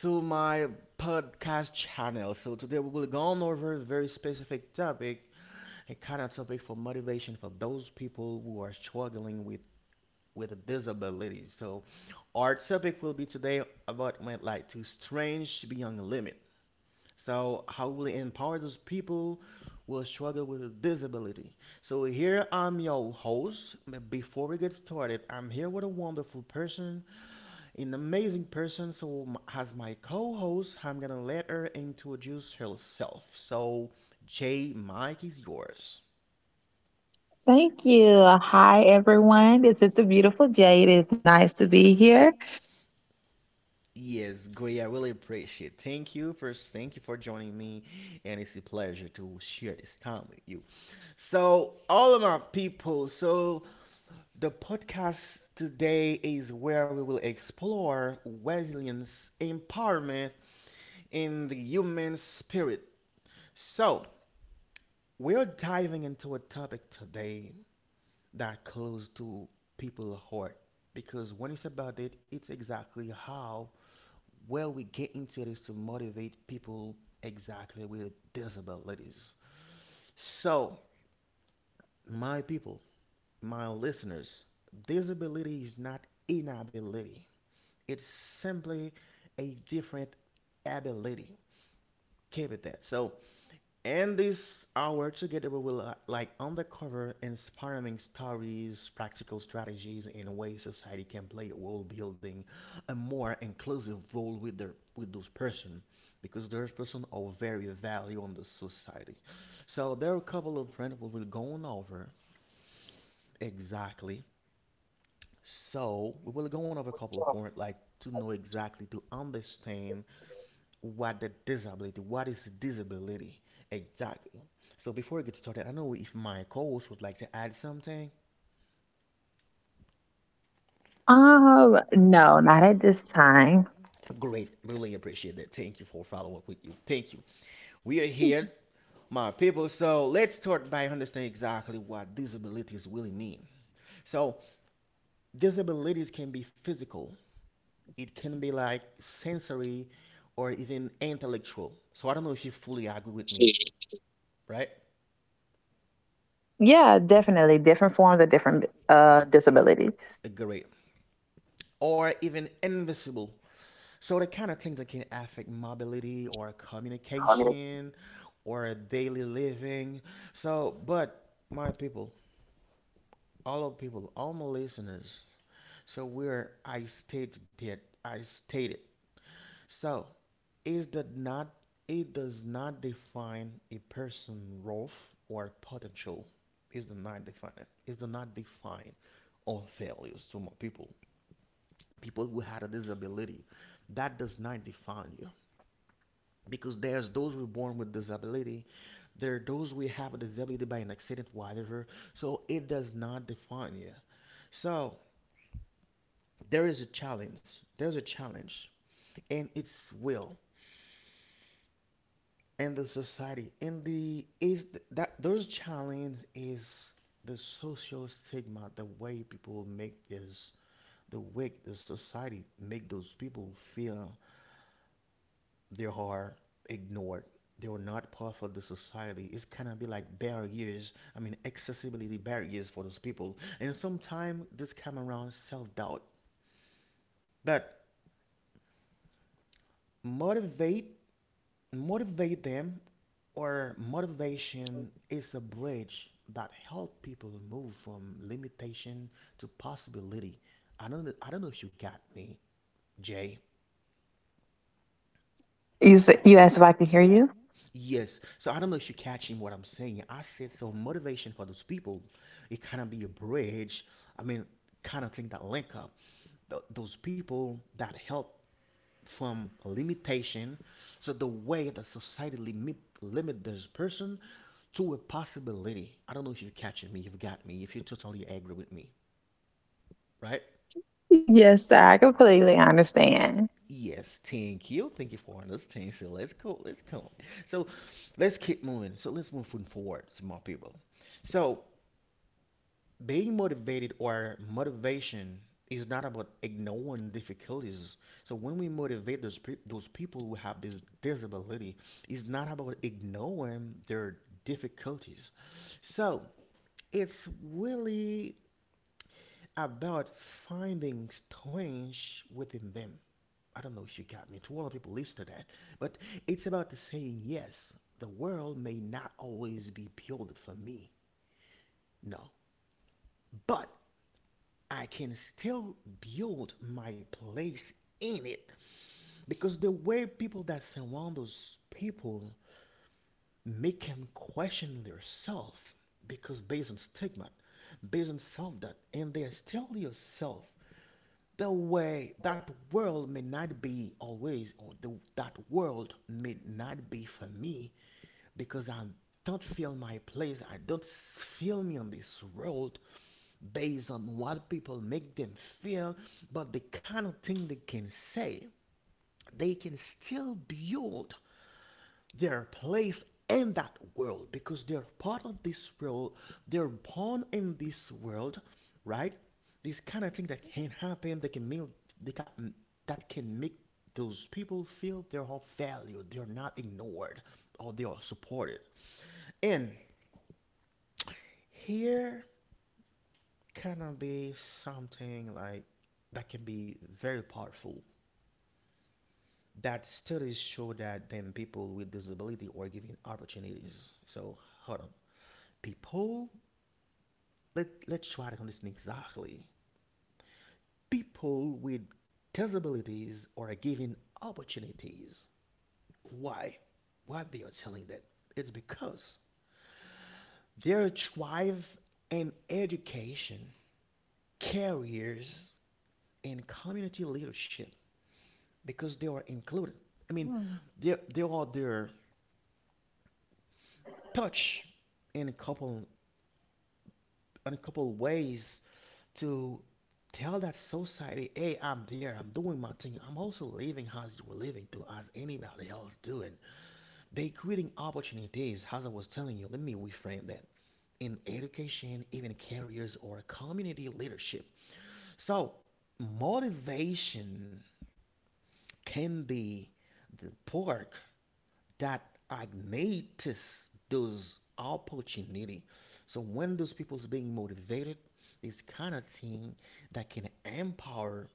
to my podcast channel. So today we will go on over a very specific topic, a kind of topic for motivation for those people who are struggling with disabilities. So our topic will be today about my like to strange beyond the limit. So how will it empower those people who struggle with a disability? So here I'm your host. But before we get started, I'm here with a wonderful person an amazing person. So, as my co host, I'm gonna let her introduce herself. So, Jay, Mike is yours. Thank you. Hi, everyone. This is the beautiful Jade. It's nice to be here. Yes, great. I really appreciate. Thank you first. Thank you for joining me, and it's a pleasure to share this time with you. So, all of my people. So, the podcast today is where we will explore Wesleyan's empowerment, in the human spirit. So, we're diving into a topic today that close to people's heart because when it's about it it's exactly how where we get into it is to motivate people exactly with disabilities. So my people, my listeners, disability is not inability, it's simply a different ability. Keep it that. So and this hour together, we will like undercover inspiring stories, practical strategies, and ways society can play a role building a more inclusive role with their with those person because those person are very value on the society. So there are a couple of points we will go on over exactly. So we will go on over a couple of points like to know exactly to understand what the disability what is disability exactly. So before we get started I know if my co-host would like to add something. No, not at this time. Great, really appreciate that. Thank you for following up with you, thank you. We are Mhm. here, my people. So let's start by understanding exactly what disabilities really mean. So disabilities can be physical, it can be like sensory or even intellectual. So I don't know if you fully agree with me, right? Yeah, definitely. Different forms of different disabilities. Great. Or even invisible. So the kind of things that can affect mobility or communication or daily living. So, but my people, all of people, all my listeners. So where I stated that I stated. So is that not? It does not define a person role or potential. Is the not define it? Is the not define all failures to my people? People who had a disability, that does not define you. Because there's those who are born with disability, there are those who have a disability by an accident, whatever. So it does not define you. So there is a challenge, there's a challenge, and it's will, and the society and the is that those challenge is the social stigma, the way people make this, the way the society make those people feel they are ignored. They are not part of the society. It's kind of be like barriers. I mean, accessibility barriers for those people. And sometimes this come around self doubt. But motivate, motivate them, or motivation is a bridge that help people move from limitation to possibility. I don't know if you got me, Jay. You said you asked if I could hear you. Yes. So I don't know if you're catching what I'm saying. I said so motivation for those people, it kind of be a bridge. I mean, kind of thing that link up those people that help from limitation. So the way that society limit this person to a possibility. I don't know if you're catching me. You've got me. If you totally agree with me, right? Yes, I completely understand. Yes. Thank you. Thank you for understanding. So let's go. Let's go. So let's keep moving. So let's move forward to more people. So being motivated or motivation is not about ignoring difficulties. So when we motivate those people who have this disability, it's not about ignoring their difficulties. So it's really about finding strength within them. I don't know if you got me. To all the people listen to that, but it's about saying yes. The world may not always be built for me. No, but I can still build my place in it because the way people that surround those people make them question themselves because based on stigma, based on self doubt, and they still yourself the way that world may not be always, or the, that world may not be for me because I don't feel my place. I don't feel me on this world based on what people make them feel, but the kind of thing they can say, they can still build their place in that world because they're part of this world, they're born in this world, right? This kind of thing that can happen, they can make, they can, that can make those people feel they're of value, they're not ignored, or they are supported. And here cannot be something like that can be very powerful. That studies show that then people with disability are given opportunities. So hold on, people. Let's try to understand exactly. People with disabilities are given opportunities. Why? What they are telling that? It's because their thrive in education, careers, and community leadership because they are included. I mean, Mm. They are there touch in a couple ways to tell that society, hey, I'm there, I'm doing my thing, I'm also living as you were living too, as anybody else doing. They creating opportunities, as I was telling you. Let me reframe that in education, even careers or community leadership. So motivation can be the pork that ignites those opportunity. So when those people's being motivated, it's kind of thing that can empower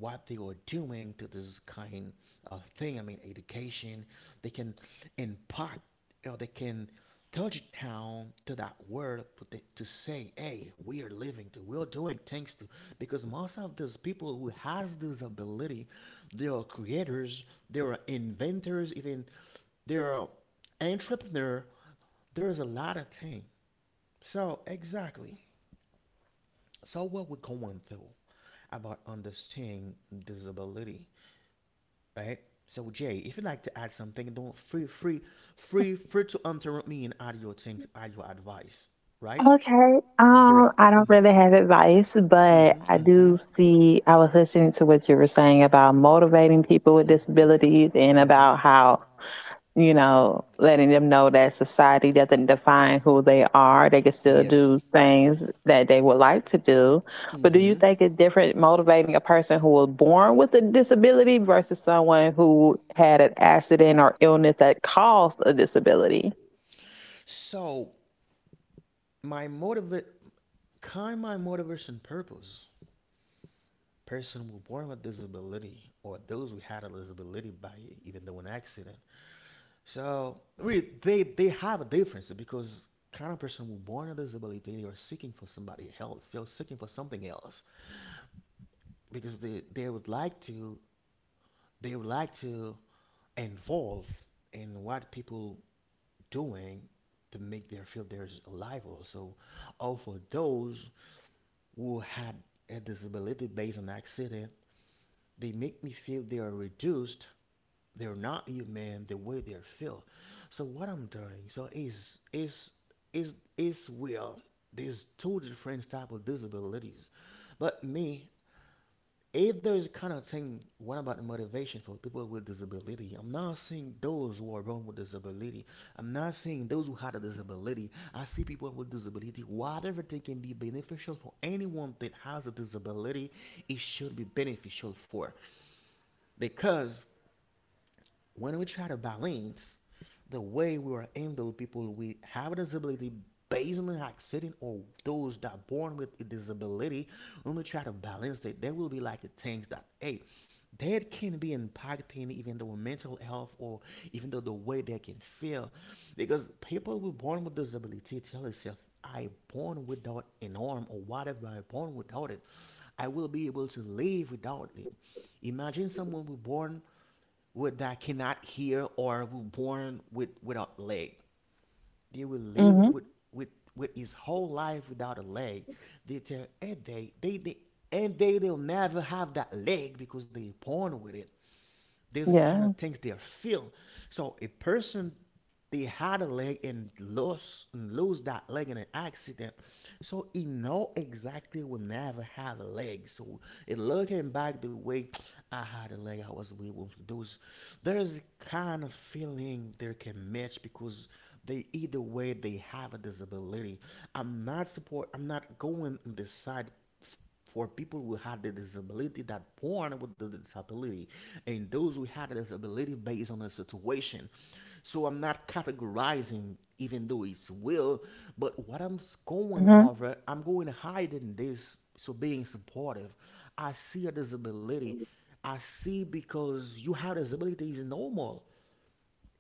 what they are doing to this kind of thing. I mean, education. They can impart, or they can touch down to that world to, to say, hey, we are living, to, we're doing things to, because most of those people who has this ability, they are creators, they are inventors, even there are entrepreneur. There is a lot of things. So exactly. So what we're going through about understanding disability, right? So Jay, if you'd like to add something, don't free free to interrupt me and add your things, add your advice, right? Okay. Great. I don't Mm-hmm. really have advice, but Mm-hmm. I Mm-hmm. do see I was listening to what you were saying about motivating people with Mm-hmm. With. disabilities and Mm-hmm. about how, letting them know that society doesn't define who they are. They can still Yes. do things that they would like to do. But do you Mm-hmm. Do. think it's different motivating a person who was born with a disability versus someone who had an accident or illness that caused a disability? So my motivate kind of my motivation purpose. Person were born with disability or those who had a disability by even though an accident. So we they have a difference because kind of person who born with disability they are seeking for somebody else. They're seeking for something else. Because they would like to they would like to involve in what people doing to make them feel they're alive also or for those who had a disability based on accident they make me feel they are reduced, they're not human the way they feel. So what I'm doing so is well there's two different type of disabilities but me if there is kind of thing, what about the motivation for people with disability? I'm not saying those who are born with disability. I'm not saying those who had a disability. I see people with disability. Whatever thing can be beneficial for anyone that has a disability, it should be beneficial for because when we try to balance the way we are handle people we have a disability based on an accident or those that are born with a disability, when we try to balance it, there will be like things that hey that can be impacting even though mental health or even though the way they can feel because people who are born with disability tell themselves I born without an arm or whatever I born without it, I will be able to live without it. Imagine someone who born would that cannot hear or were born with without a leg. They will live Mm-hmm. with with with his whole life without a leg. They tell and they and they will never have that leg because they born with it. There's a kind of Yeah. things they feel. So a person they had a leg and lost and lose that leg in an accident. So he know exactly will never have a leg. So it looking back the way I had a leg, I was able to do. There's a kind of feeling they can match because they either way they have a disability. I'm not support. I'm not going on this side for people who had the disability that born with the disability and those who had the disability based on the situation, so I'm not categorizing, even though it's will, but what I'm going Mm-hmm. over, I'm going hiding this. So being supportive, I see a disability. I see because you have disability is normal.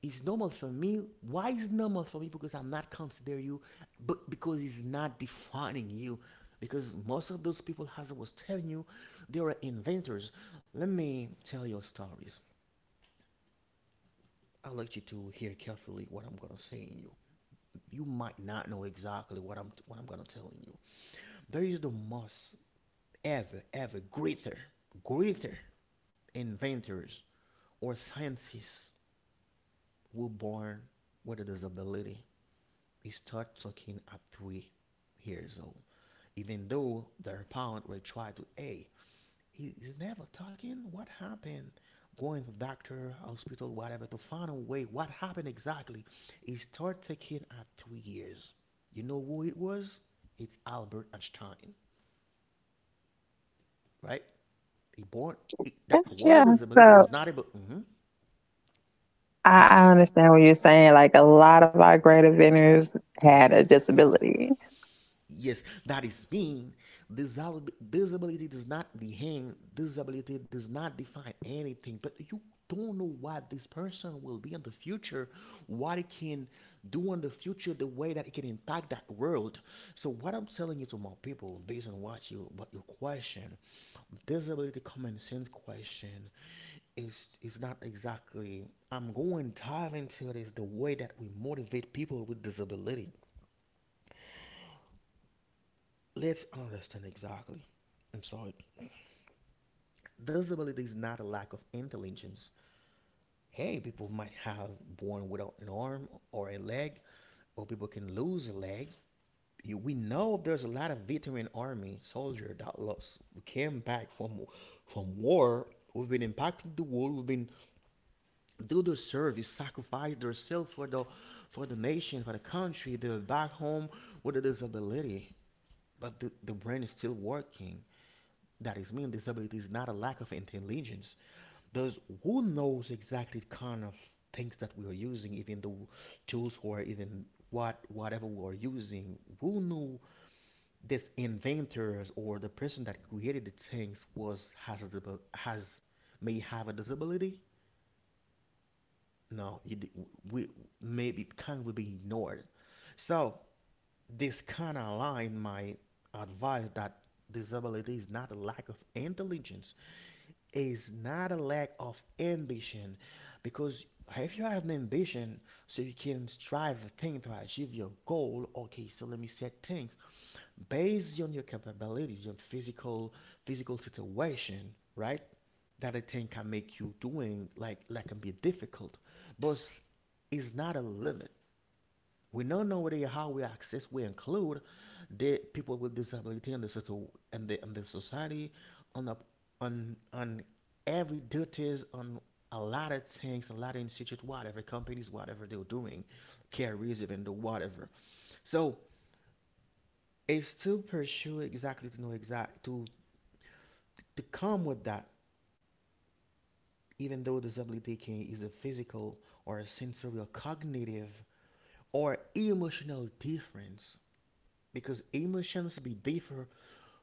It's normal for me. Why is normal for me? Because I'm not considering you, but because it's not defining you. Because most of those people, as I was telling you, they are inventors. Let me tell you stories. I'd like you to hear carefully what I'm gonna say. You might not know exactly what I'm gonna telling you. There is the most ever greater inventors or scientists who were born with a disability. They start talking at 3 years old, even though their parents will try to, hey, he's never talking. What happened? Going to doctor, hospital, whatever, to find a way. What happened exactly? He started taking at 3 years. You know who it was? It's Albert Einstein, right? He born. That was a Yeah. disability. It was So not able. Mm-hmm. I, I understand what you're saying. Like a lot of our great inventors had a Mm-hmm. disability. Yes, that is mean disability does not define, anything, but you don't know what this person will be in the future, what it can do in the future, the way that it can impact that world. So what I'm telling you to my people, based on what your question, disability, common sense question, is not exactly. I'm going dive into this the way that we motivate people with disability. Let's understand exactly. I'm sorry. Disability is not a lack of intelligence. Hey, people might have born without an arm or a leg, or people can lose a leg. You, we know there's a lot of veteran army soldier that lost, came back from war. We've been impacting the world. We've been do their service, sacrifice themselves for the nation, for the country. They're back home with a disability, but the brain is still working. That is mean disability is not a lack of intelligence, because who knows exactly kind of things that we are using, even the tools, or even whatever we are using. Who knew this inventors or the person that created the things was has a has may have a disability? No, it, we maybe it can will be ignored. So this kind of line might advise that disability is not a lack of intelligence, is not a lack of ambition, because if you have an ambition, so you can strive for things to achieve your goal. Okay, so let me set things based on your capabilities, your physical situation, right? That a thing can make you doing like that can be difficult, but it's not a limit. We don't know whether how we access, we include they people with disability in the situ and the in the society, on the on every duties, on a lot of things, a lot of institute, whatever companies, whatever they're doing, carriers, even the whatever. So it's to pursue exactly to know exact to come with that, even though disability can is a physical or a sensory or cognitive or emotional difference, because emotions be different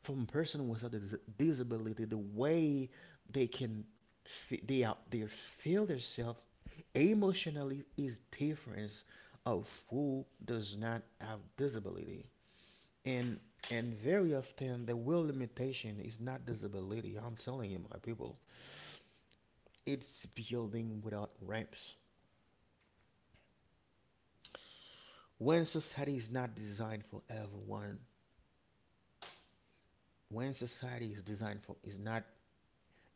from person with a disability the way they can they out there feel themselves emotionally is different of who does not have disability. And and very often the will limitation is not disability. I'm telling you my people, it's building without ramps, when society is not designed for everyone, when society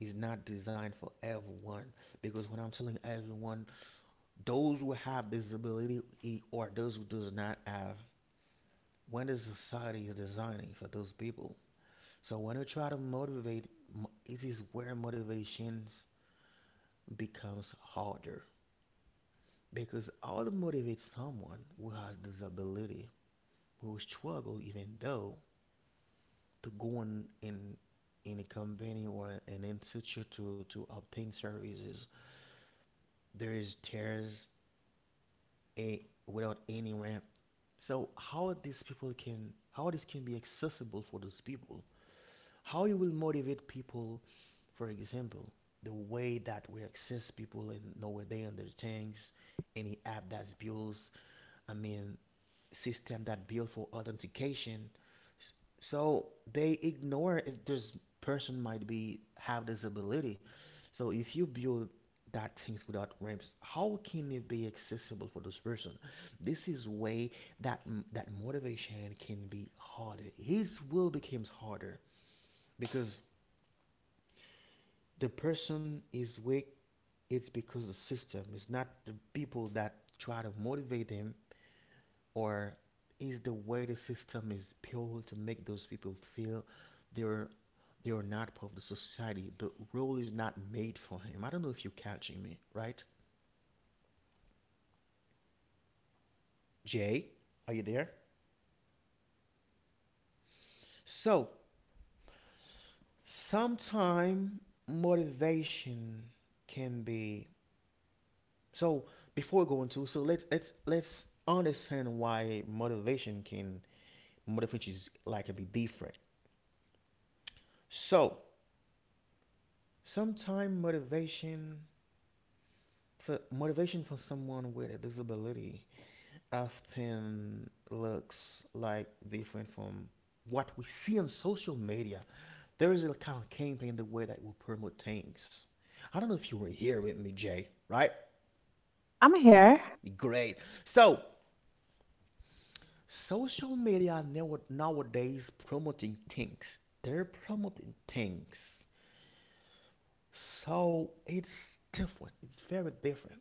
is not designed for everyone. Because when I'm telling everyone, those who have disability or those who does not have, when the society is designing for those people, so when you try to motivate, it is where motivations becomes harder. Because how to motivate someone who has disability, who struggle even though to go on in a company or an institute to obtain services, there is tears without any ramp. So how this can be accessible for those people? How you will motivate people, for example, the way that we access people and know where they are, their things, any app that's built. I mean system that built for authentication. So they ignore if this person might be have disability. So if you build that things without ramps, how can it be accessible for this person? This is way that that motivation can be harder. His will becomes harder, because the person is weak. It's because the system. It's not the people that try to motivate him, or is the way the system is built to make those people feel they're they are not part of the society. The role is not made for him. I don't know if you're catching me, right? Jay, are you there? So sometime motivation can be, so before going to, so let's understand why motivation is like can be different. So sometime motivation for someone with a disability often looks like different from what we see on social media. There is a kind of campaign the way that we promote things. I don't know if you were here with me, Jay, right? I'm here. Great. So, social media nowadays promoting things. They're promoting things. So, it's different. It's very different.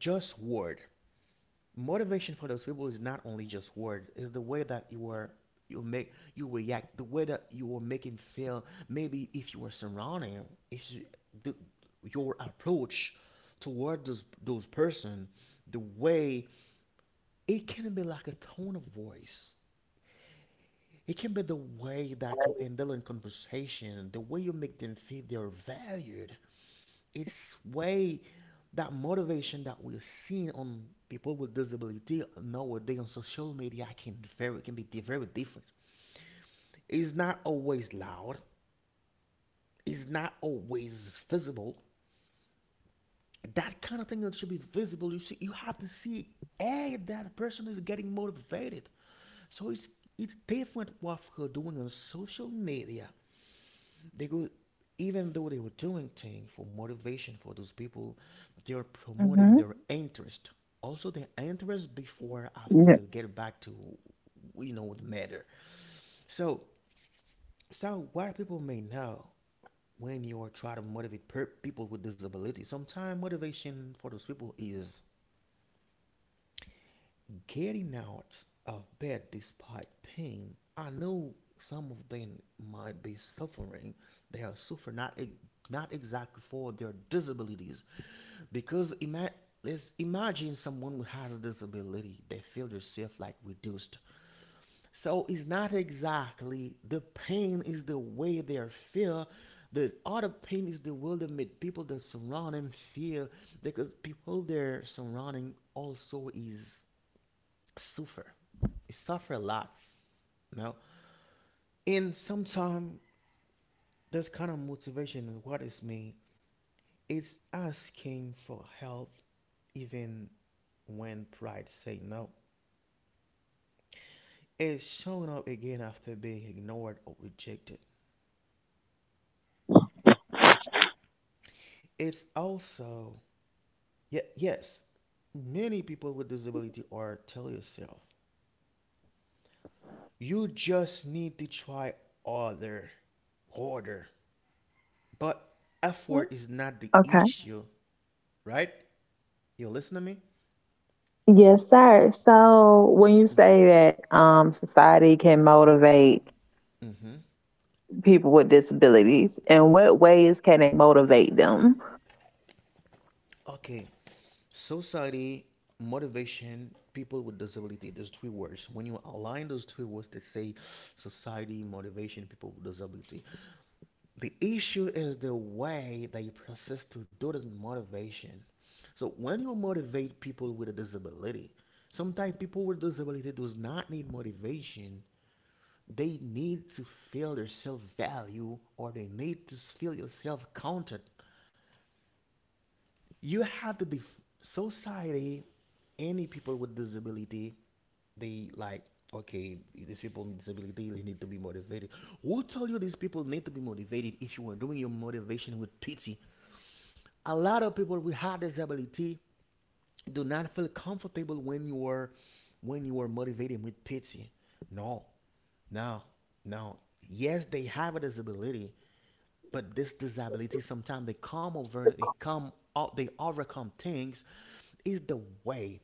Just word. Motivation for those people is not only just word, it's the way that you make, you react, the way that you are making feel, maybe if you are surrounding. It's the, your approach toward those person. The way it can be like a tone of voice, it can be the way that you handle in conversation, the way you make them feel they're valued. It's way that motivation that we're seeing on people with disability nowadays on social media can be very different. It's not always loud. It's not always visible. That kind of thing that should be visible. You see, you have to see, hey, that person is getting motivated. So it's different what we're doing on social media, because even though they were doing things for motivation for those people, they are promoting Hmm. their interest. Also, their interest before, after they Yeah. get back to, the matter. So, so what people may know, when you are trying to motivate people with disabilities, sometimes motivation for those people is getting out of bed despite pain. I know some of them might be suffering. They are suffering not exactly for their disabilities, because let's imagine someone who has a disability, they feel themselves like reduced. So it's not exactly the pain is the way they are feel. The other pain is the way that made people that surround them feel, because people they're surrounding also is suffer. I suffer a lot, you know and sometimes this kind of motivation what is me, it's asking for help even when pride say no. It's showing up again after being ignored or rejected. It's also, yeah, yes, many people with disability are tell yourself, you just need to try other harder, but effort is not the Okay. issue, right? You listen to me. Yes, sir. So when you say that society can motivate Mm-hmm. people with disabilities, in what ways can they motivate them? Okay. Society, motivation, people with disability. There's three words. When you align those three words, they say society, motivation, people with disability. The issue is the way that you process to do this motivation. So when you motivate people with a disability, sometimes people with disability does not need motivation. They need to feel their self value, or they need to feel your self counted. You have to society, any people with disability, they like, okay, these people with disability they need to be motivated. Who told you these people need to be motivated? If you are doing your motivation with pity, a lot of people with hard disability do not feel comfortable when you are motivating with pity. No, no, no. Yes, they have a disability, but this disability sometimes they overcome things. Is the way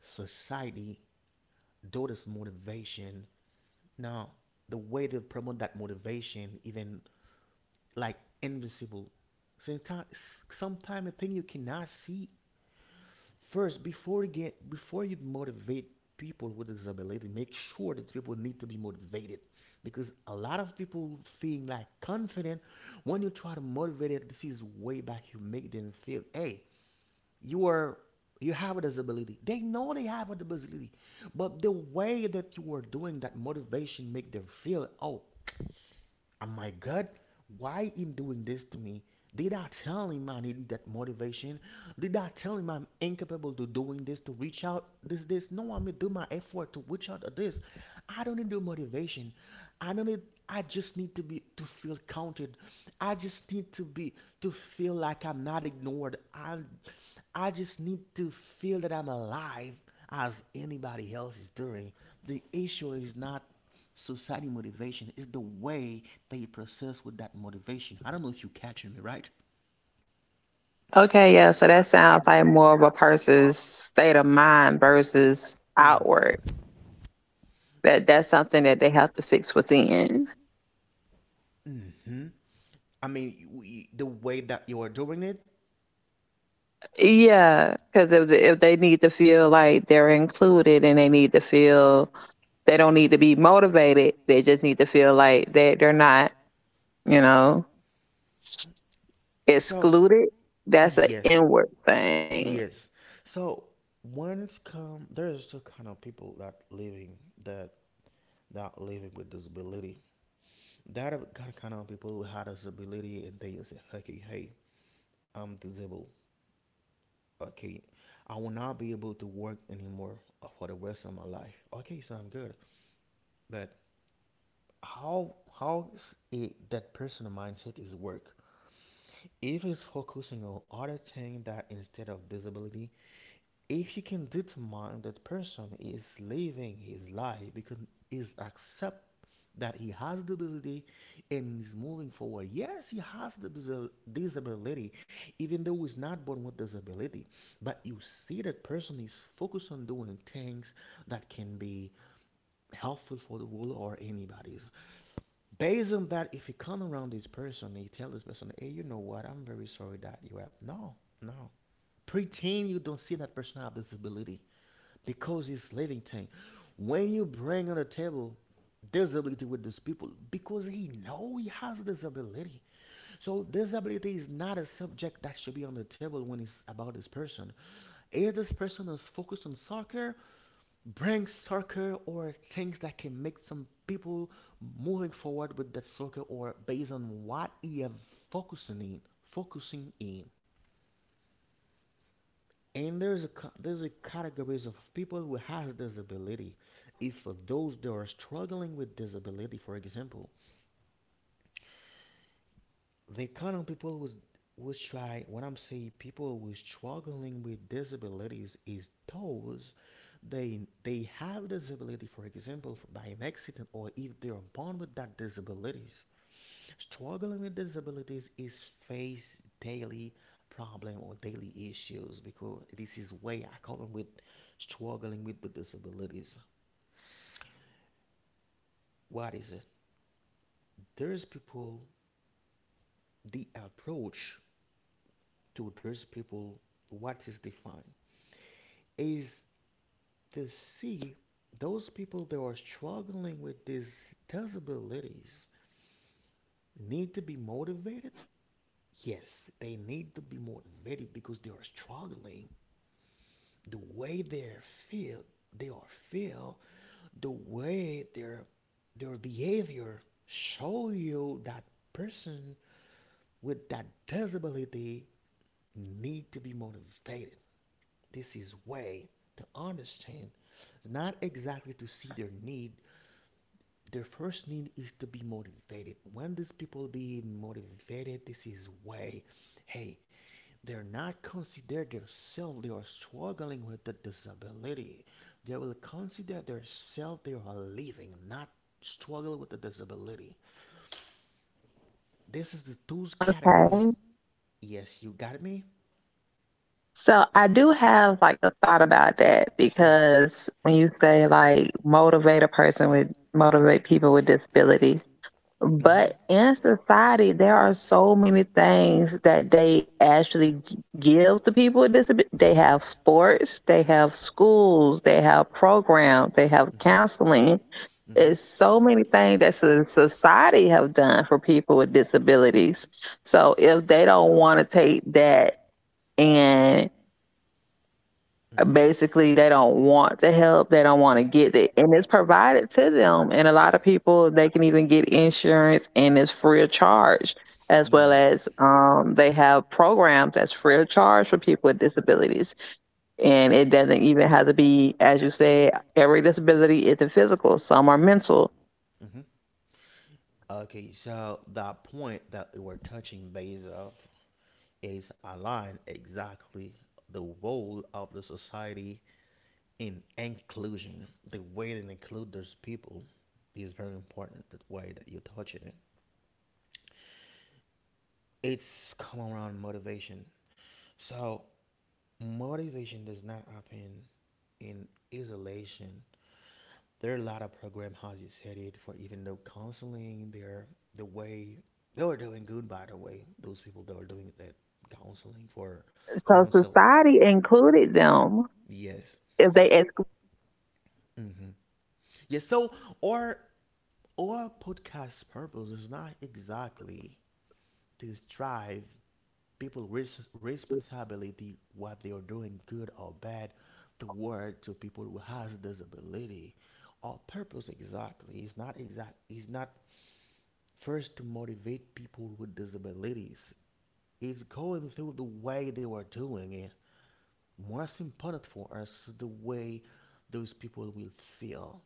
society, though this motivation, now the way they promote that motivation, even like invisible. Sometimes, sometimes, a thing you cannot see first, before you motivate people with disability, make sure that people need to be motivated. Because a lot of people feel like confident when you try to motivate it. This is way back you make them feel, hey, you are you have a disability. They know they have a disability, but the way that you are doing that motivation make them feel, oh my God, why him doing this to me? Did I tell him I needed that motivation? Did I tell him I'm incapable to doing this, to reach out this? No, I'm gonna do my effort to reach out to this. I don't need your motivation. I don't need. I just need to be to feel counted. I just need to be to feel like I'm not ignored. I just need to feel that I'm alive as anybody else is doing. The issue is not society motivation, is the way they process with that motivation. I don't know if you catching me, right? Okay, yeah. So that sounds like more of a person's state of mind versus Mm. outward. That's something that they have to fix within. Mm-hmm. I mean, we, the way that you are doing it. Yeah, because if they need to feel like they're included and they need to feel they don't need to be motivated, they just need to feel like that they're not. You know. So Excluded, that's a yes, inward thing. yes. So when it's come, there's two kind of people that living that that living with disability. That are kind of people who had disability and they say, okay, hey, I'm disabled. Okay, I will not be able to work anymore for the rest of my life. Okay, so I'm good, but that person mindset is work if he's focusing on other thing that instead of disability, if you can determine that person is living his life because is accept that he has the ability and is moving forward. Yes, he has the disability, even though he's not born with disability, but you see that person is focused on doing things that can be helpful for the world or anybody. Based on that, if you come around this person and you tell this person, hey, you know what, I'm very sorry that you have. No, no. Pretend you don't see that person have disability because it's living thing. When you bring on the table disability with these people, because he know he has disability. So disability is not a subject that should be on the table when it's about this person. If this person is focused on soccer, bring circle or things that can make some people moving forward with that circle or based on what you are focusing in focusing in. And there's a categories of people who has disability. If for those that are struggling with disability, for example, they count on people who's who try. When I'm saying people who struggling with disabilities is those, they have disability, for example, by an accident or if they are born with that disabilities. Struggling with disabilities is face daily problem or daily issues, because this is way I call them with struggling with the disabilities. What is it? There's people. The approach to those people, what is defined is to see those people that are struggling with these disabilities need to be motivated. Yes, they need to be motivated because they are struggling. The way they feel, they are feel, the way their behavior show you that person with that disability need to be motivated. This is way to understand. It's not exactly to see their need. Their first need is to be motivated. When these people be motivated, this is way. Hey, they're not consider themselves they are struggling with the disability. They will consider themselves they are living, not struggle with the disability. This is the two Okay. categories. Yes, you got me. So I do have like a thought about that because when you say like motivate people with disabilities, but in But society there are so many things that they actually give to people with disabilities. They have sports, they have schools, they have programs, they have hmm counseling. hmm It's so many things that society have done for people with disabilities. So if they don't want to take that and hmm basically they don't want to help, they don't want to get it, and it's provided to them. And a lot of people they can even get insurance and it's free of charge, as well yes. as Like they have programs that's free of charge for people with disabilities. And it doesn't even have to be, as you said, every disability isn't physical. Some are mental. hmm. Okay, so the point that we're touching base of is align exactly the role of the society in inclusion. The way that include those people is very important. The way that you touch it, it's come So around society motivation. included So them. If motivation they does not exclude happen themselves, that's in something different. isolation. But society There are a lot included of them. program houses headed for, even though counseling. They're the way they were doing good, by the way those people that were doing that counseling for counsel. Yes. Hmm. Yes. So our our podcast purpose is not exactly to strive people responsibility what they are doing good or bad toward to people who has disability. Our purpose exactly is not exact, is not first to motivate people with disabilities, is going through the way they were doing it. Most important for us is the way those people will feel.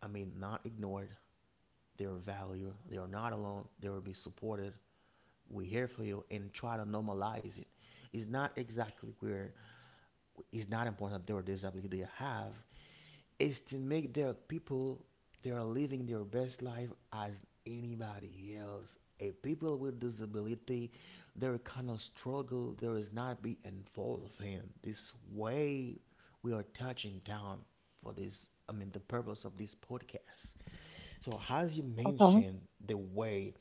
I mean, not ignored, their value, they are not alone, they will be supported. We're here for you and try to normalize it. It's not exactly where it's not important that their disability they have, is to make their people they are living their best life as anybody else. If people with disability, their kind of struggle, there is not be involved in this way. We are touching down for this. I mean, the purpose of this podcast. So, as you Okay. mentioned, the way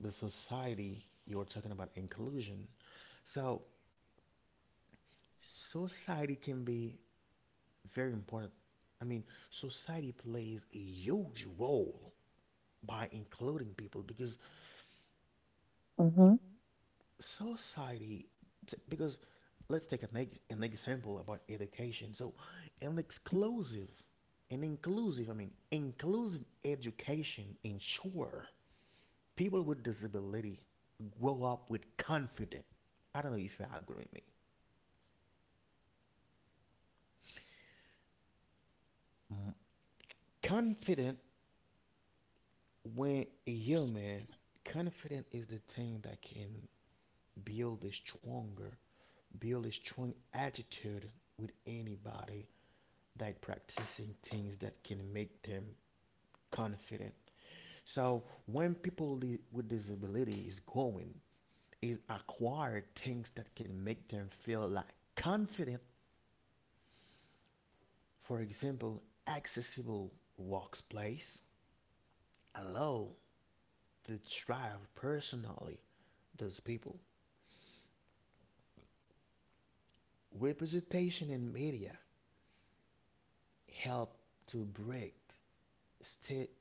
the society you're talking about inclusion. So, society can be very important. I mean, society plays a huge role by including people, because Mm-hmm. society, because let's take an example about education. So an exclusive, an inclusive, I mean inclusive education ensure people with disability grow up with confidence. I don't know if you agree with me. Mm, confident. When a human confident is the thing that can build a stronger build a strong attitude with anybody, like practicing things that can make them confident. So when with disability is going, is acquire things that can make them feel like confident. For example, accessible workplace allow to thrive personally those people. Representation in media help to break ste-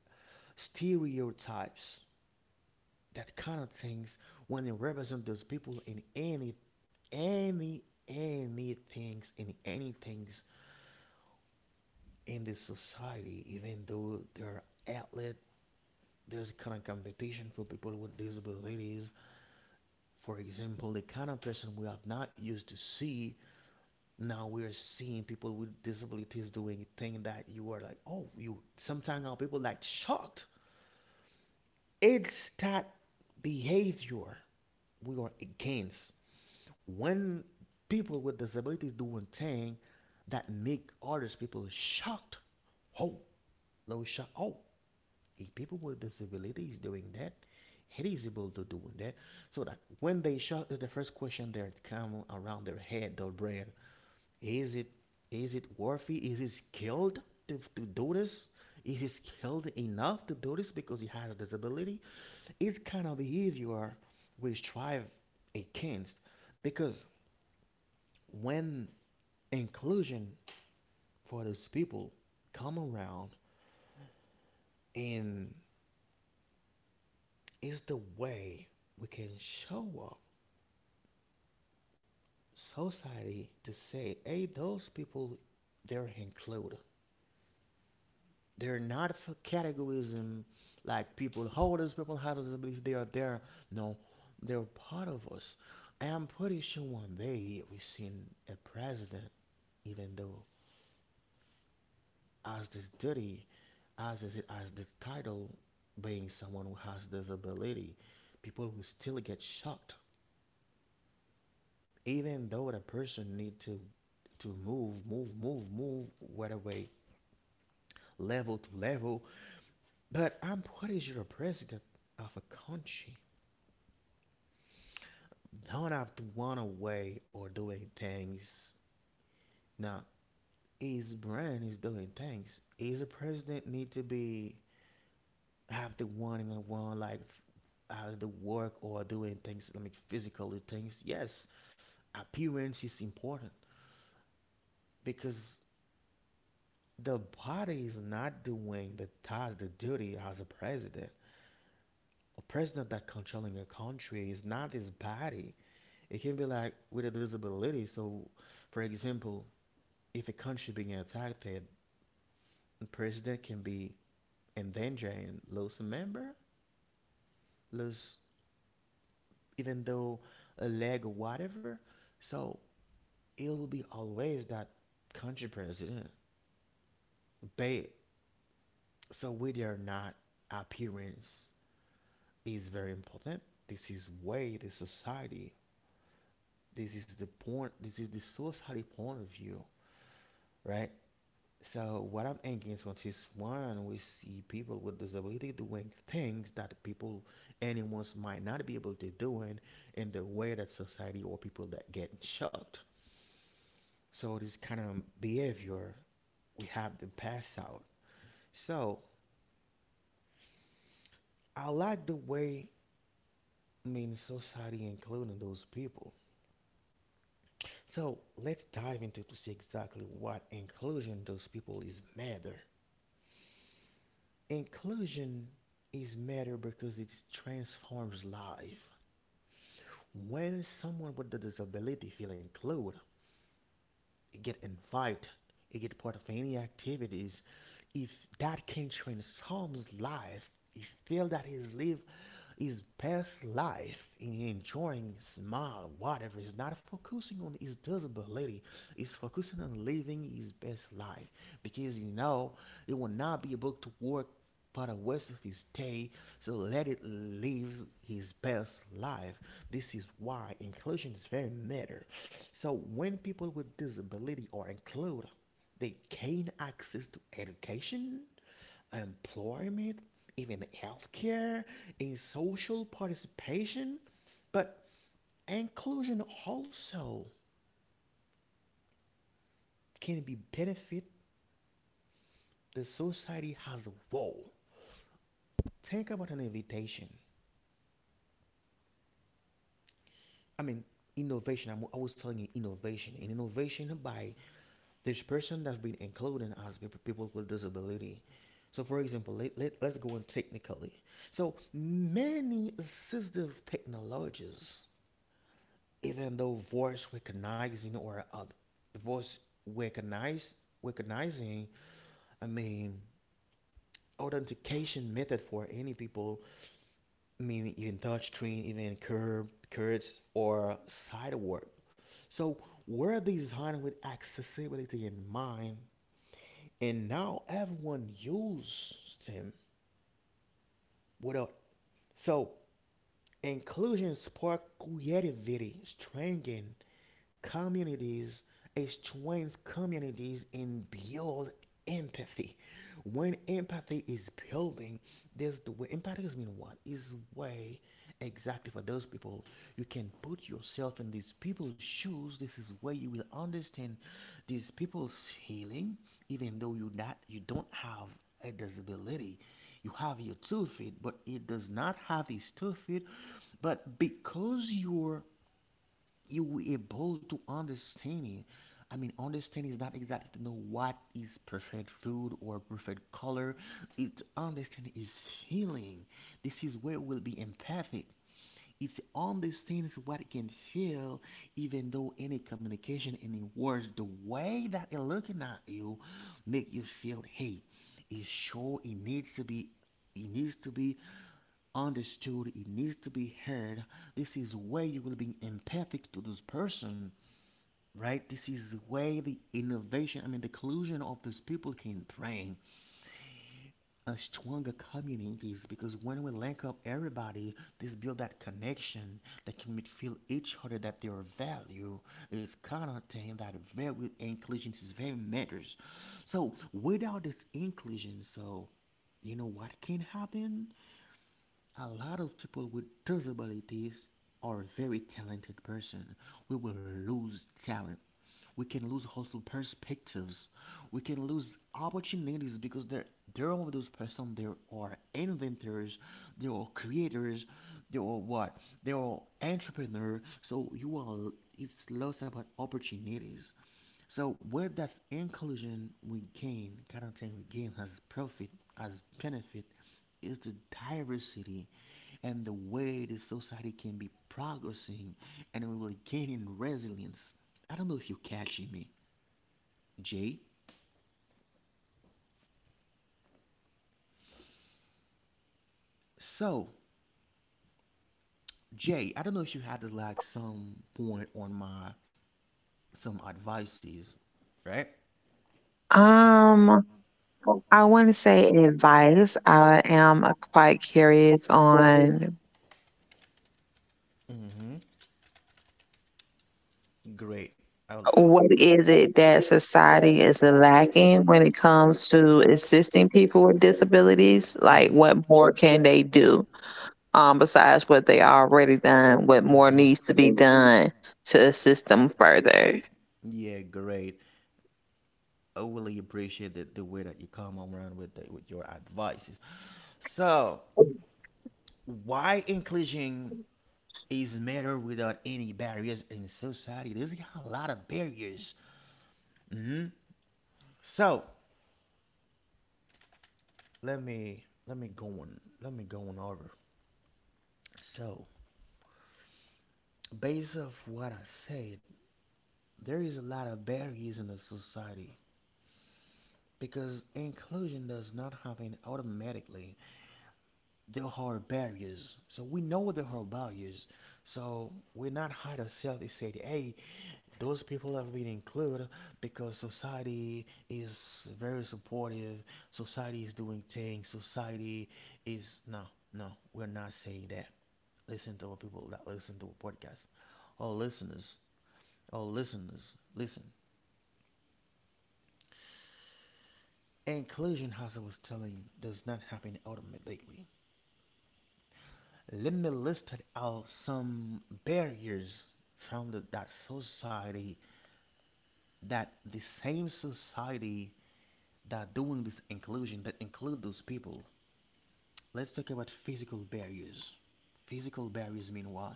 stereotypes, that kind of things, when they represent those people in any any things in any things in this society, even though there are outlet. There's kind of competition for people with disabilities. For example, the kind of person we have not used to see, now we're seeing people with disabilities doing thing that you are like, oh, you sometimes our people like shocked. It's that behavior we are against. When people with disabilities do one thing that make others people shocked, oh, low shock. Oh, if people with disabilities doing that, it is able to do that. So that when they shocked is the first question that come around their head, their brain. Is it, is it worthy, is it skilled to do this? Is it skilled enough to do this because he has a disability? It's kind of behavior we strive against. Because when inclusion for those people come around, and it's the way we can show up society to say, hey, those people, they're included, they're not for categorism, like people holders, people have disabilities they are there. No, they're part of us. I'm pretty sure one day we've seen a president, even though as this duty, as is as the title, being someone who has disability, people will still get shocked. Even though the person need to move whether way, level to level. But I'm pretty sure the president of a country don't have to run away or doing things. Now his brand is doing things, is the president need to be have the running around like out of the work or doing things. I mean physical things. Yes, appearance is important. Because the body is not doing the task, the duty as a president. A president that controlling a country is not his body. It can be like with a disability. So, for example, if a country being attacked, the president can be in danger and lose a member, lose, even though a leg or whatever. So it will be always that country president. But so we are not. Appearance is very important. This is way the society. This is the point. This is the society point of view, right? So what I'm against on this one, we see people with disability doing things that people, anyone might not be able to do in the way that society or people that get shocked. So this kind of behavior we have to pass out. So I like the way, I mean society including those people. So let's dive into to see exactly what inclusion those people is matter. Inclusion is matter because it transforms life. When someone with a disability feel included, it get invited, it get part of any activities. If that can transforms life, he feel that his life, his past life in enjoying smile, whatever. He's not focusing on his disability. He's focusing on living his best life, because you know he will not be able to work for the rest of his day. So let it live his best life. This is why inclusion is very matter. So when people with disability are included, they gain access to education, employment, even healthcare, in social participation. But inclusion also can be benefit the society as a whole. Think about an invitation. I mean, innovation. I was telling you innovation. And innovation by this person that's been included as people with disability. So, for example, let's go on technically. So, many assistive technologies, even though voice recognizing or voice recognize recognizing, I mean authentication method for any people, I mean even touchscreen, even curb curves or sidewalk. So were designed with accessibility in mind, and now everyone uses them without. So inclusion spark creativity, strengthen communities, exchange communities, and build empathy. When empathy is building, there's the way empathy is mean what is way exactly for those people. You can put yourself in these people's shoes. This is where you will understand these people's healing, even though you not, you don't have a disability. You have your two feet, but it does not have his two feet. But because you were able to understand it. I mean, understanding is not exactly to know what is perfect food or perfect color. It understanding is feeling. This is where we'll be empathic. It understands what it can feel, even though any communication, any words, the way that it looking at you, make you feel, hey, it's sure it needs to be understood. It needs to be heard. This is where you will be empathic to this person, right? This is where the innovation, I mean, the collusion of these people can bring a stronger communities, because when we link up everybody, this build that connection that can make feel each other that their value is kind of thing that very inclusion is very matters. So without this inclusion, you know what can happen? A lot of people with disabilities are very talented person. We will lose talent, we can lose also perspectives, we can lose opportunities because there are those persons, there are inventors, there are creators, there are what, there are entrepreneurs. So you are, it's lost about opportunities. So where that's inclusion, we gain kind of thing, we gain as profit, as benefit, is the diversity and the way the society can be progressing, and we will gain in resilience. I don't know if you're catching me, J. So, Jay, I don't know if you had like some point on my, some advices, right? Um, I want to say advice. I am quite curious on Mm-hmm. Great. I'll, what is it that society is lacking when it comes to assisting people with disabilities? Like, Mhm. what more can they do? Besides what they already done, what more Mhm. needs to be done to assist them further. Yeah, great. I really appreciate the way that you come around with the, with your advices. So, why inclusion is matter without any barriers in society? There's a lot of barriers. Hmm. So, let me go on let me go on over. So based off what I said, there is a lot of barriers in the society because inclusion does not happen automatically. There are barriers, so we know there are barriers. So we're not hide ourselves and say, "Hey, those people have been included because society is very supportive. Society is doing things. Society is no, no. We're not saying that." Listen to our people that listen to our podcast. Our listeners, our listeners, listen. Inclusion, as I was telling you, does not happen automatically. Let me list out some barriers from that society, that the same society that doing this inclusion, that include those people. Let's talk about physical barriers. Physical barriers mean what?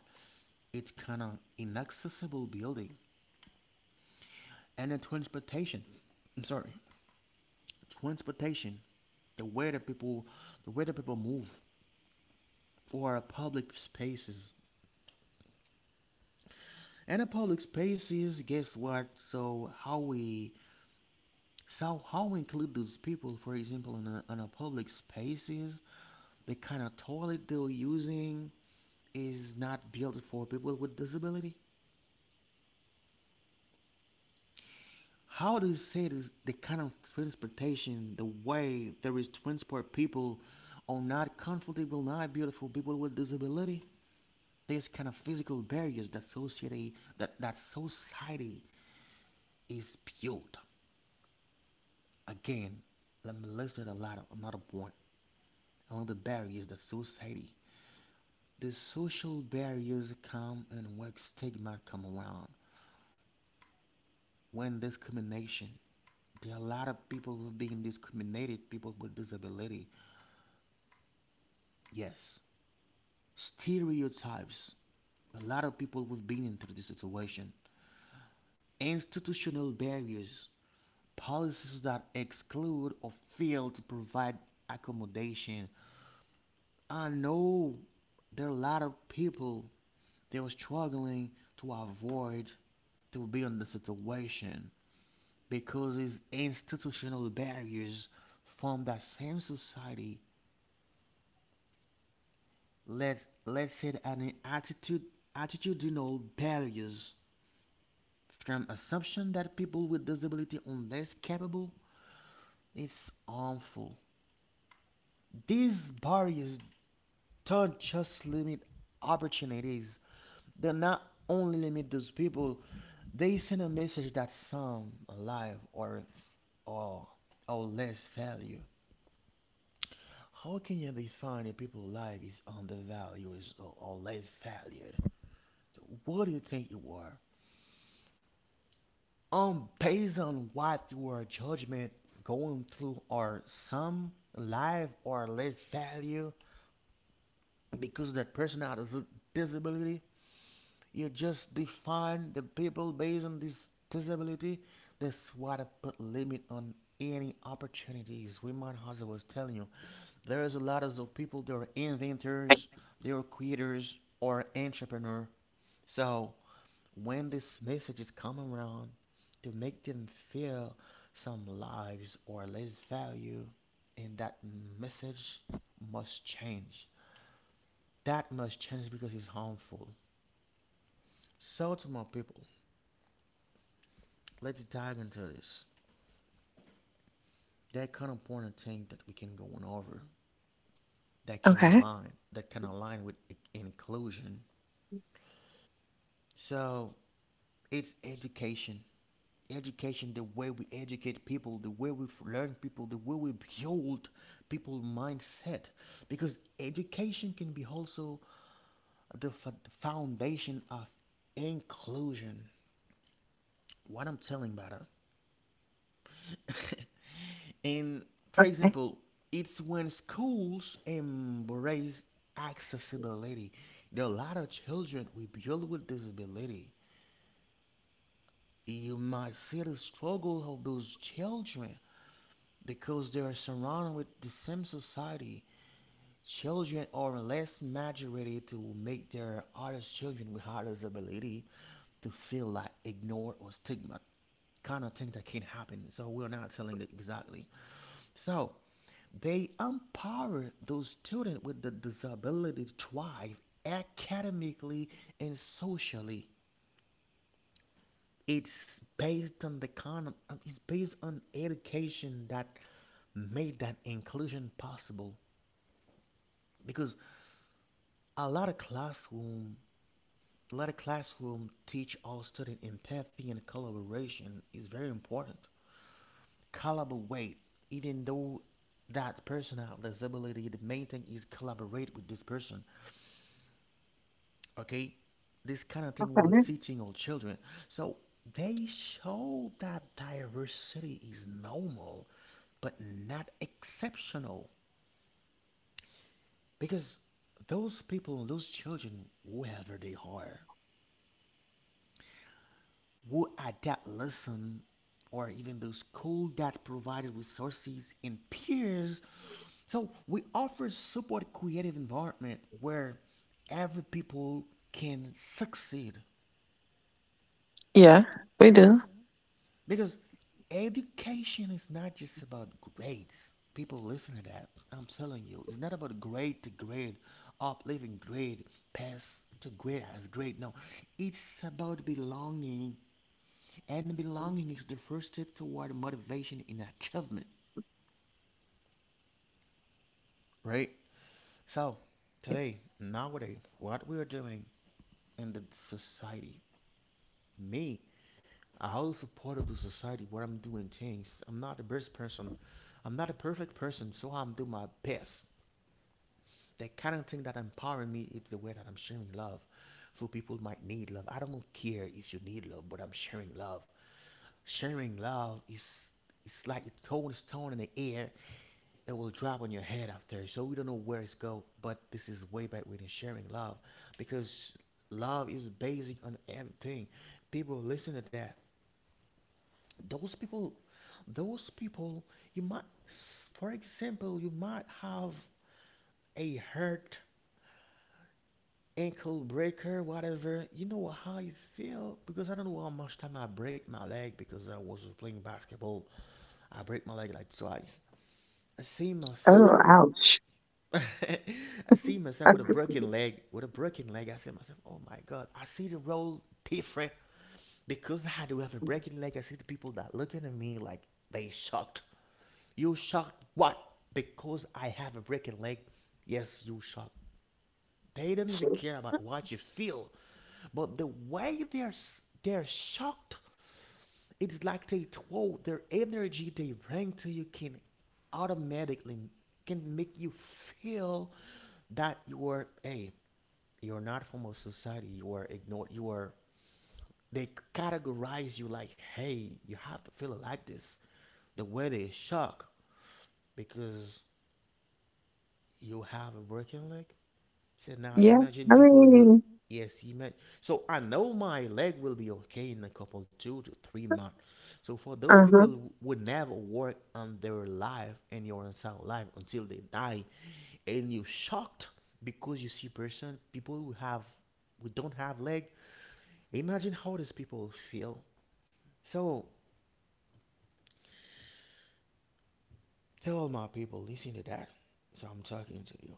It's kind of inaccessible building and then transportation. I'm sorry, transportation, the way that people the way that people move, or public spaces. And the public spaces, guess what, so how we include those people, for example, in a public spaces, the kind of toilet they're using is not built for people with disability. How do you say this, the kind of transportation, the way there is transport, people are not comfortable, not built for people with disability. These kind of physical barriers that society, that society is built. Again, let me list it a lot of another point. Among the barriers that society, the social barriers come, and work stigma come around. When discrimination, there are a lot of people who are being discriminated, people with disability. Yes. Stereotypes. A lot of people who've been into this situation. Institutional barriers. Policies that exclude or fail to provide accommodation. I know there are a lot of people, they were struggling to avoid to be in the situation because these institutional barriers from that same society. Let's say that an attitude, attitudinal barriers from assumption that people with disability are less capable is harmful. These barriers don't just limit opportunities. They not only limit those people, they send a message that some life or or or less value. How can you define a people's life is undervalued or less valued? So what do you think you are? Based on what your judgment going through, or some life or less value, because that person has a disability, you just define the people based on this disability. That's why, to put limit on any opportunities, we might, as I was telling you, there is a lot of people that are inventors, they are creators or entrepreneur. So when this message is coming around to make them feel some lives or less value, and that message must change. That must change because it's harmful. So to my people, let's dive into this. That kind of important thing that we can go on over, that can Okay. align that can align with inclusion. So it's education. Education, the way we educate people, the way we learn people, the way we build people mindset. Because education can be also the foundation of inclusion. What I'm telling about it. And for example, it's when schools embrace accessibility. There are a lot of children we build with disability. You might see the struggle of those children because they are surrounded with the same society. Children are less majority to make their other children with other disability to feel like ignored or stigma. Kind of thing that can happen. So we're not telling it exactly. So they empower those students with the disability to thrive academically and socially. It's based on it's based on education that made that inclusion possible. Because a lot of classroom a lot of classroom teach all students empathy, and collaboration is very important. Collaborate, even though that person have disability, the main thing is collaborate with this person. Okay, this kind of thing we're Okay. teaching our children. So they show that diversity is normal but not exceptional, because those people, those children, whoever they are, who at that lesson, or even those school that provided resources and peers, so we offer support creative environment where every people can succeed. Yeah, we do. Because education is not just about grades. People listen to that. I'm telling you, it's not about grade to grade, up, living grade, pass to grade as grade. No, it's about belonging, and belonging is the first step toward motivation and achievement, right? So, today, nowadays, what we are doing in the society, me, I always support of the society where I'm doing things. I'm not the best person. I'm not a perfect person, so I'm doing my best. The kind of thing that empowering me is the way that I'm sharing love. So people might need love. I don't care if you need love, but I'm sharing love. Sharing love is, it's like a throwing a stone in the air. It will drop on your head after, so we don't know where it's go. But this is way back within sharing love, because love is basic on everything. People listen to that. Those people those people, you might, for example, you might have a hurt ankle breaker whatever, you know how you feel, because I don't know how much time I break my leg because I was playing basketball. I break my leg like twice. I see Oh, myself, oh. ouch. I see myself with That's a just, broken leg. With a broken leg, I see myself, oh my god, I see the world different because I do have a broken leg. I see the people that looking at me like they shocked. You shot what? Because I have a broken leg? Yes, you shot. They don't even care about what you feel, but the way they're shocked, it's like they told their energy they bring to you can automatically can make you feel that you are a, you're not from a society. You are ignored. You are, they categorize you like, hey, you have to feel like this. The way they shock because you have a broken leg. So now yeah, imagine I people will, mean, yes, imagine. So I know my leg will be okay in a couple 2 to 3 months. So for those people uh-huh. who would never work on their life and your entire life until they die, and you shocked because you see person, people who have, who don't have leg. Imagine how these people feel. So tell my people, listen to that. So I'm talking to you.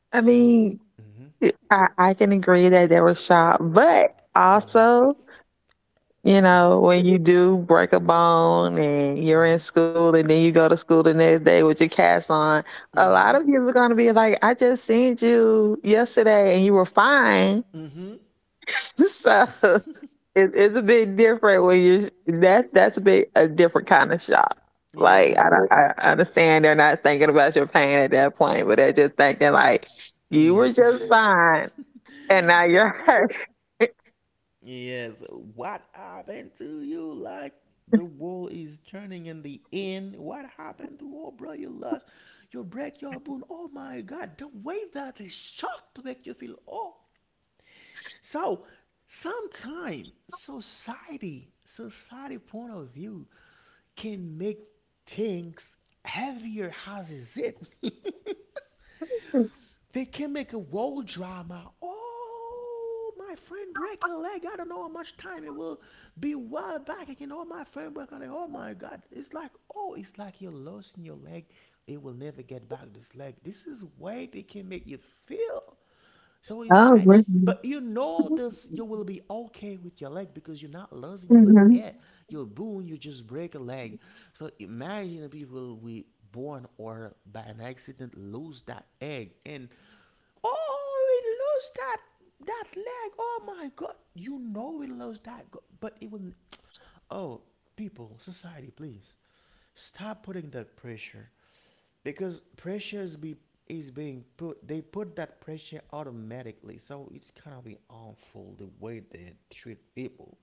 I So, mean, mm-hmm, I can agree that they were shot, but mm-hmm. also you know, when you do break a bone and you're in Mhm. school and then you go to school the next day with your cast on, a lot Mm-hmm. of people are going to be like, I just seen you yesterday and you were fine. Mm-hmm. So it's a bit different when you're, that's a bit a different kind of shock. Yeah. Like, I, don't- I understand they're not thinking about your pain at that point, but they're just thinking, like, Yeah. you You were were just fine and now you're hurt. yes, what happened to you? Like the world is turning in the end. What happened to, oh bro? You lost, you break your bone. Oh my god, the way that is shocked to make you feel, oh. So sometime society, society point of view can make things heavier as is it. They can make a world drama. Oh, my friend break a leg. I don't know how much time it will be. While back, I can know my friend break a leg. Oh my God! It's like, oh, it's like you're losing your leg. It will never get back, this leg. This is way they can make you feel. So Oh, really? imagine, but you know this. You will be okay with your leg because you're not losing your Mhm. head, your bone. You just break a leg. So imagine if people we born or by an accident lose that egg and oh, he lost that leg. Oh my God! You know he lost that, but it will. Oh, people, society, please stop putting that pressure because pressure is be is being put. They put that pressure automatically, so it's kind of be awful the way they treat people.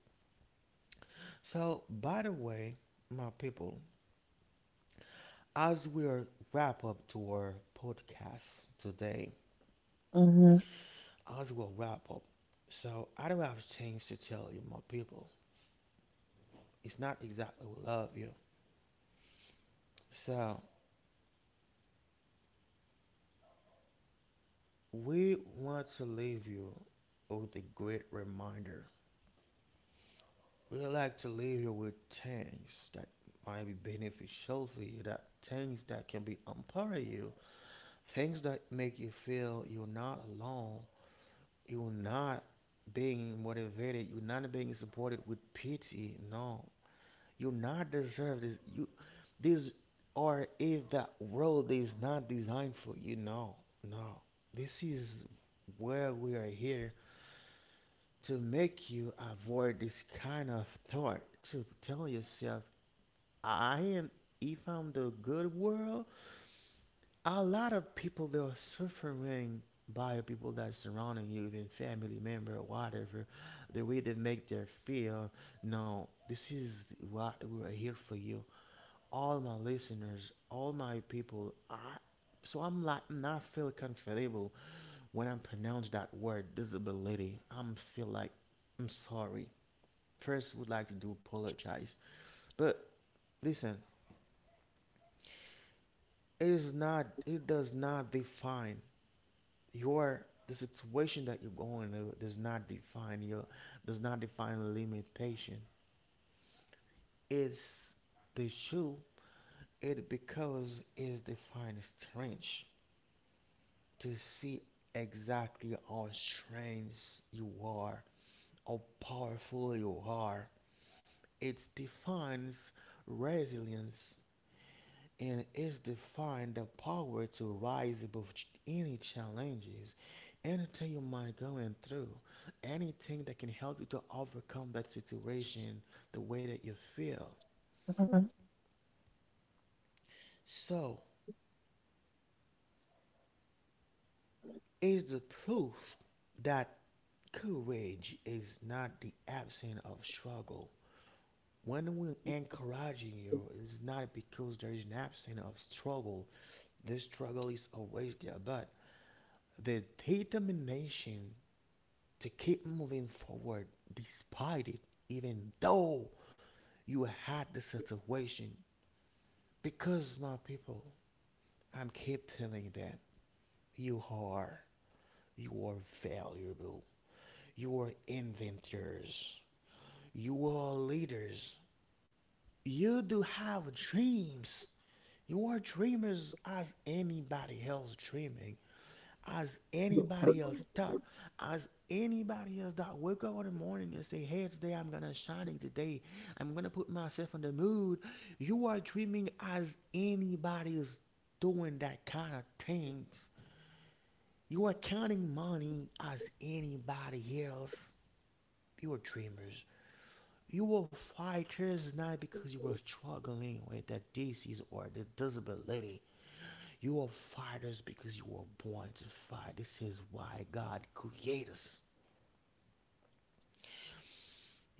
So, by the way, my people, as we are wrap up to our podcast today, Mhm. as we wrap up, so I do have things to tell you, my people. It's not exactly what love you. So we want to leave you with a great reminder. We like to leave you with things that might be beneficial for you, that things that can be empower you, things that make you feel you're not alone, you're not being motivated, you're not being supported with pity. No, you not deserve this. You these or if the world is not designed for you. No, no. This is where we are here to make you avoid this kind of thought. To tell yourself, I am. If I'm the good world, a lot of people they are suffering by people that surrounding you, even family member, whatever, the way they make their feel. No, this is what we are here for you. All my listeners, all my people. I so I'm like not feel comfortable when I am pronounce that word disability. I'm feel like I'm sorry. First, would like to do apologize, but listen, it is not. It does not define your the situation that you're going to. Does not define your. Does not define limitation. It's the shoe. It because is defined as strange. To see exactly how strange you are, how powerful you are. It defines resilience and is defined the power to rise above any challenges, anything you might going through, anything that can help you to overcome that situation the way that you feel. So is the proof that courage is not the absence of struggle. When we encouraging you, it's not because there is an absence of struggle. This struggle is always there, but the determination to keep moving forward despite it, even though you had the situation. Because my people, I'm keep telling them, you are, you are valuable. You are inventors. You are leaders. You do have dreams. You're dreamers as anybody else dreaming, as anybody else thought, as anybody else that wake up in the morning and say, hey, today I'm gonna shining today. I'm gonna put myself in the mood. You are dreaming as anybody is doing that kind of things. You are counting money as anybody else. You are dreamers. You are fighters not because you are struggling with the disease or the disability. You are fighters because you were born to fight. This is why God created us.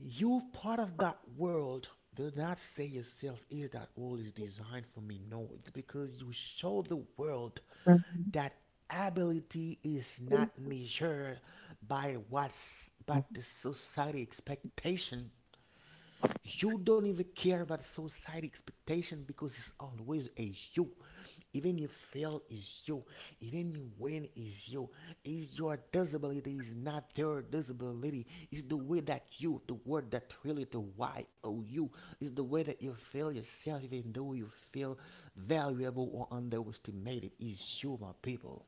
You part of that world. Do not say yourself is that world is designed for me. No, it's because you show the world Mhm. that ability is not measured by what's but the society expectation. You don't even care about society expectation because it's always a you, even you fail is you, even you win is you, is your disability is not their disability. It's the way that you the word that really the why o you is the way that you feel yourself even though you feel valuable or underestimated is you, my people.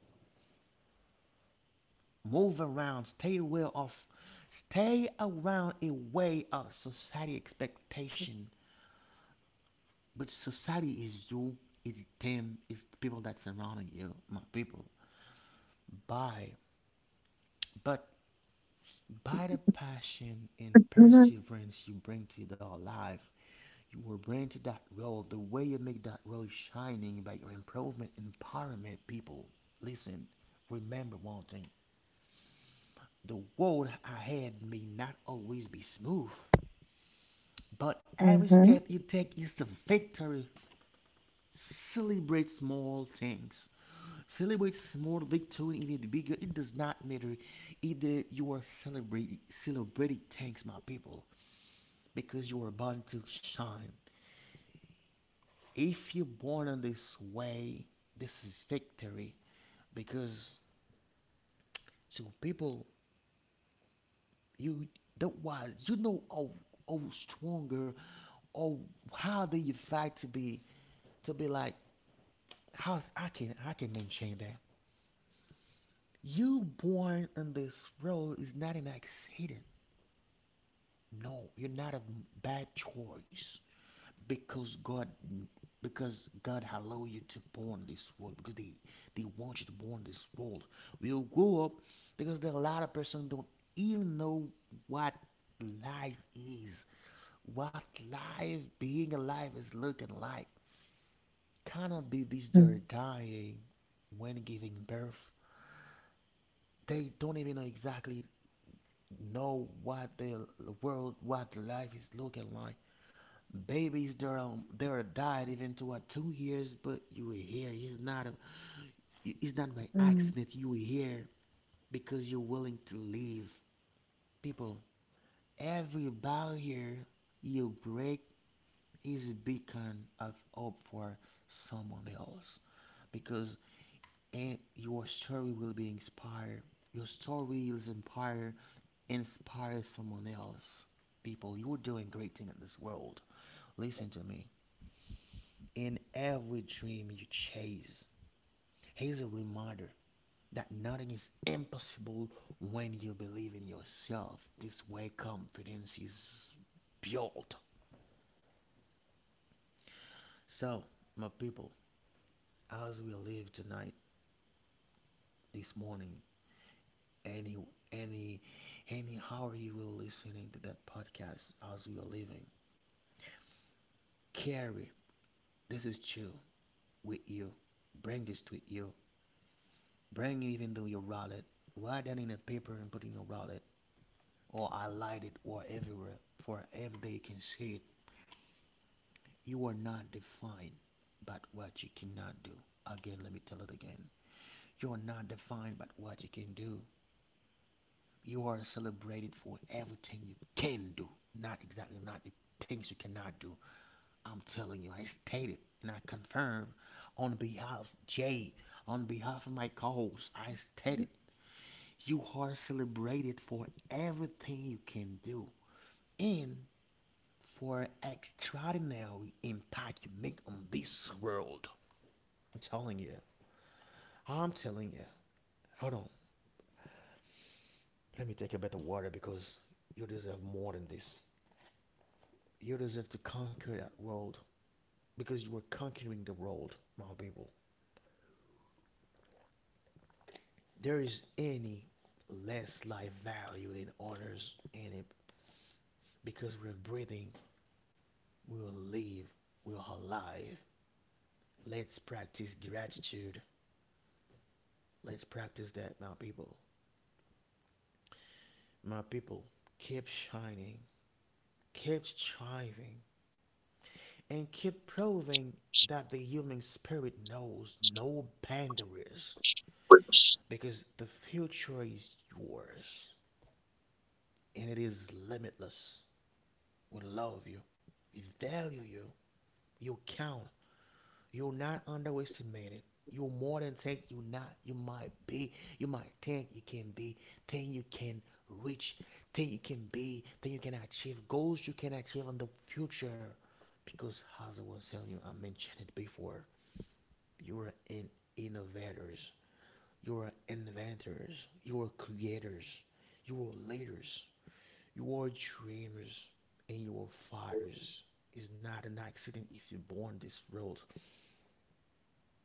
Move around, stay aware of, stay around away of society expectation. But society is you, it's them, it's the people that surrounding you, my people. By but by the passion and Mhm. perseverance you bring to your life, you will bring to that role, the way you make that role shining by your improvement, empowerment, people. Listen, remember one thing. The road ahead may not always be smooth, but every Mhm. step you take is the victory. Celebrate small things. Celebrate small victory, even the bigger. It does not matter either you are celebrating, celebrating thanks, my people, because you are born to shine. If you're born on this way, this is victory. Because to people, you that was you know how stronger, or how do you fight to be like, how I can maintain that. You born in this world is not an accident. No, you're not a bad choice because God allow you to born this world because they want you to born this world. We'll grow up because there are a lot of person don't even know what life is, what life being alive is looking like. Cannot be this Mhm. they're dying when giving birth. They don't even know exactly know what the world what life is looking like. Babies they are died even to what 2 years but you were here it's not a, it's not by Mm. accident you were here because you're willing to leave people. Every barrier you break is a beacon of hope for someone else. Because and your story will be inspired your story will inspire someone else. People, you're doing great thing in this world. Listen to me, in every dream you chase, here's a reminder that nothing is impossible when you believe in yourself. This way, confidence is built. So, my people, as we live tonight, this morning, any, any, any hour you will listening to that podcast as we are living, carry this is true with you. Bring this with you. Bring it even though you roll it. Write that in a paper and put it in your wallet or highlight it or everywhere for every day you can see it. You are not defined by what you cannot do. Again, let me tell it again. You are not defined by what you can do. You are celebrated for everything you can do, not exactly not the things you cannot do. I'm telling you, I stated and I confirm on behalf of Jay, on behalf of my co calls, I stated you are celebrated for everything you can do and for extraordinary impact you make on this world. I'm telling you. I'm telling you. Hold on. Let me take a bit of water because you deserve more than this. You deserve to conquer that world because you were conquering the world, my people. There is any less life value than others in it because we're breathing, we'll live, we're alive. Let's practice gratitude. Let's practice that, my people. My people, keep shining, keep striving, and keep proving that the human spirit knows no boundaries because the future is yours and it is limitless. We love you, we value you, you count, you're not underestimated. You're more than think you're not, you might be, you might think you can be, think you can reach, think you can be, think you can achieve, goals you can achieve in the future. Because as I was telling you, I mentioned it before, you are in innovators. You are inventors. You are creators. You are leaders. You are dreamers. And you are fighters. It's not an accident if you're born this world.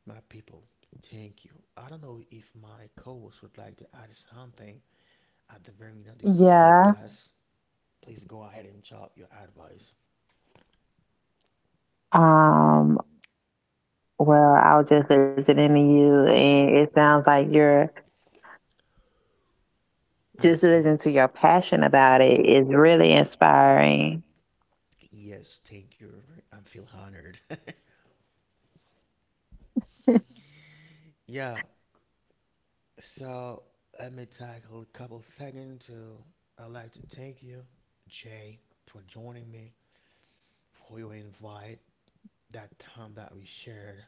My people, thank you. I don't know if my co host would like to add something at the very end of this Yeah. podcast. Please go ahead and chop your advice. Well, I was just listening to you and it sounds like you're just listening Mhm. to your passion about it is really inspiring. Yes, thank you. I feel honored. Yeah, so let me take a couple seconds to. I'd like to thank you, Jay, for joining me, for your invite, that time that we shared,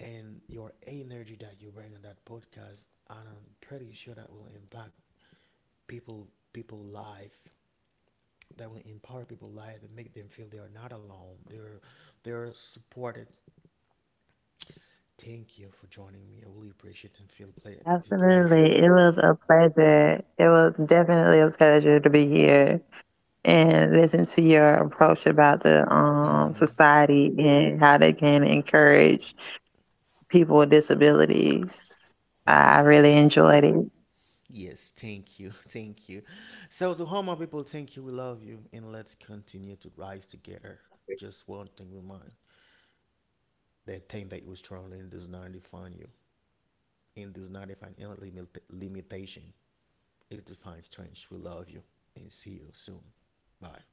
and your energy that you bring on that podcast. And I'm pretty sure that will impact people, people life, that will empower people life, that make them feel they are not alone. They're supported. Thank you for joining me. I really appreciate and feel it's a pleasure. Absolutely. It was a pleasure. It was definitely a pleasure to be here and listen to your approach about the Mm-hmm. society and how they can encourage people with disabilities. I I yes. really enjoyed it. I yes. Thank you. Thank you. So to all people, thank you. We love you, and let's continue to rise together. Just one thing we mind: that thing that you struggling does not define you, and does not define any limitation. It defines strength. We love you, and see you soon. Bye.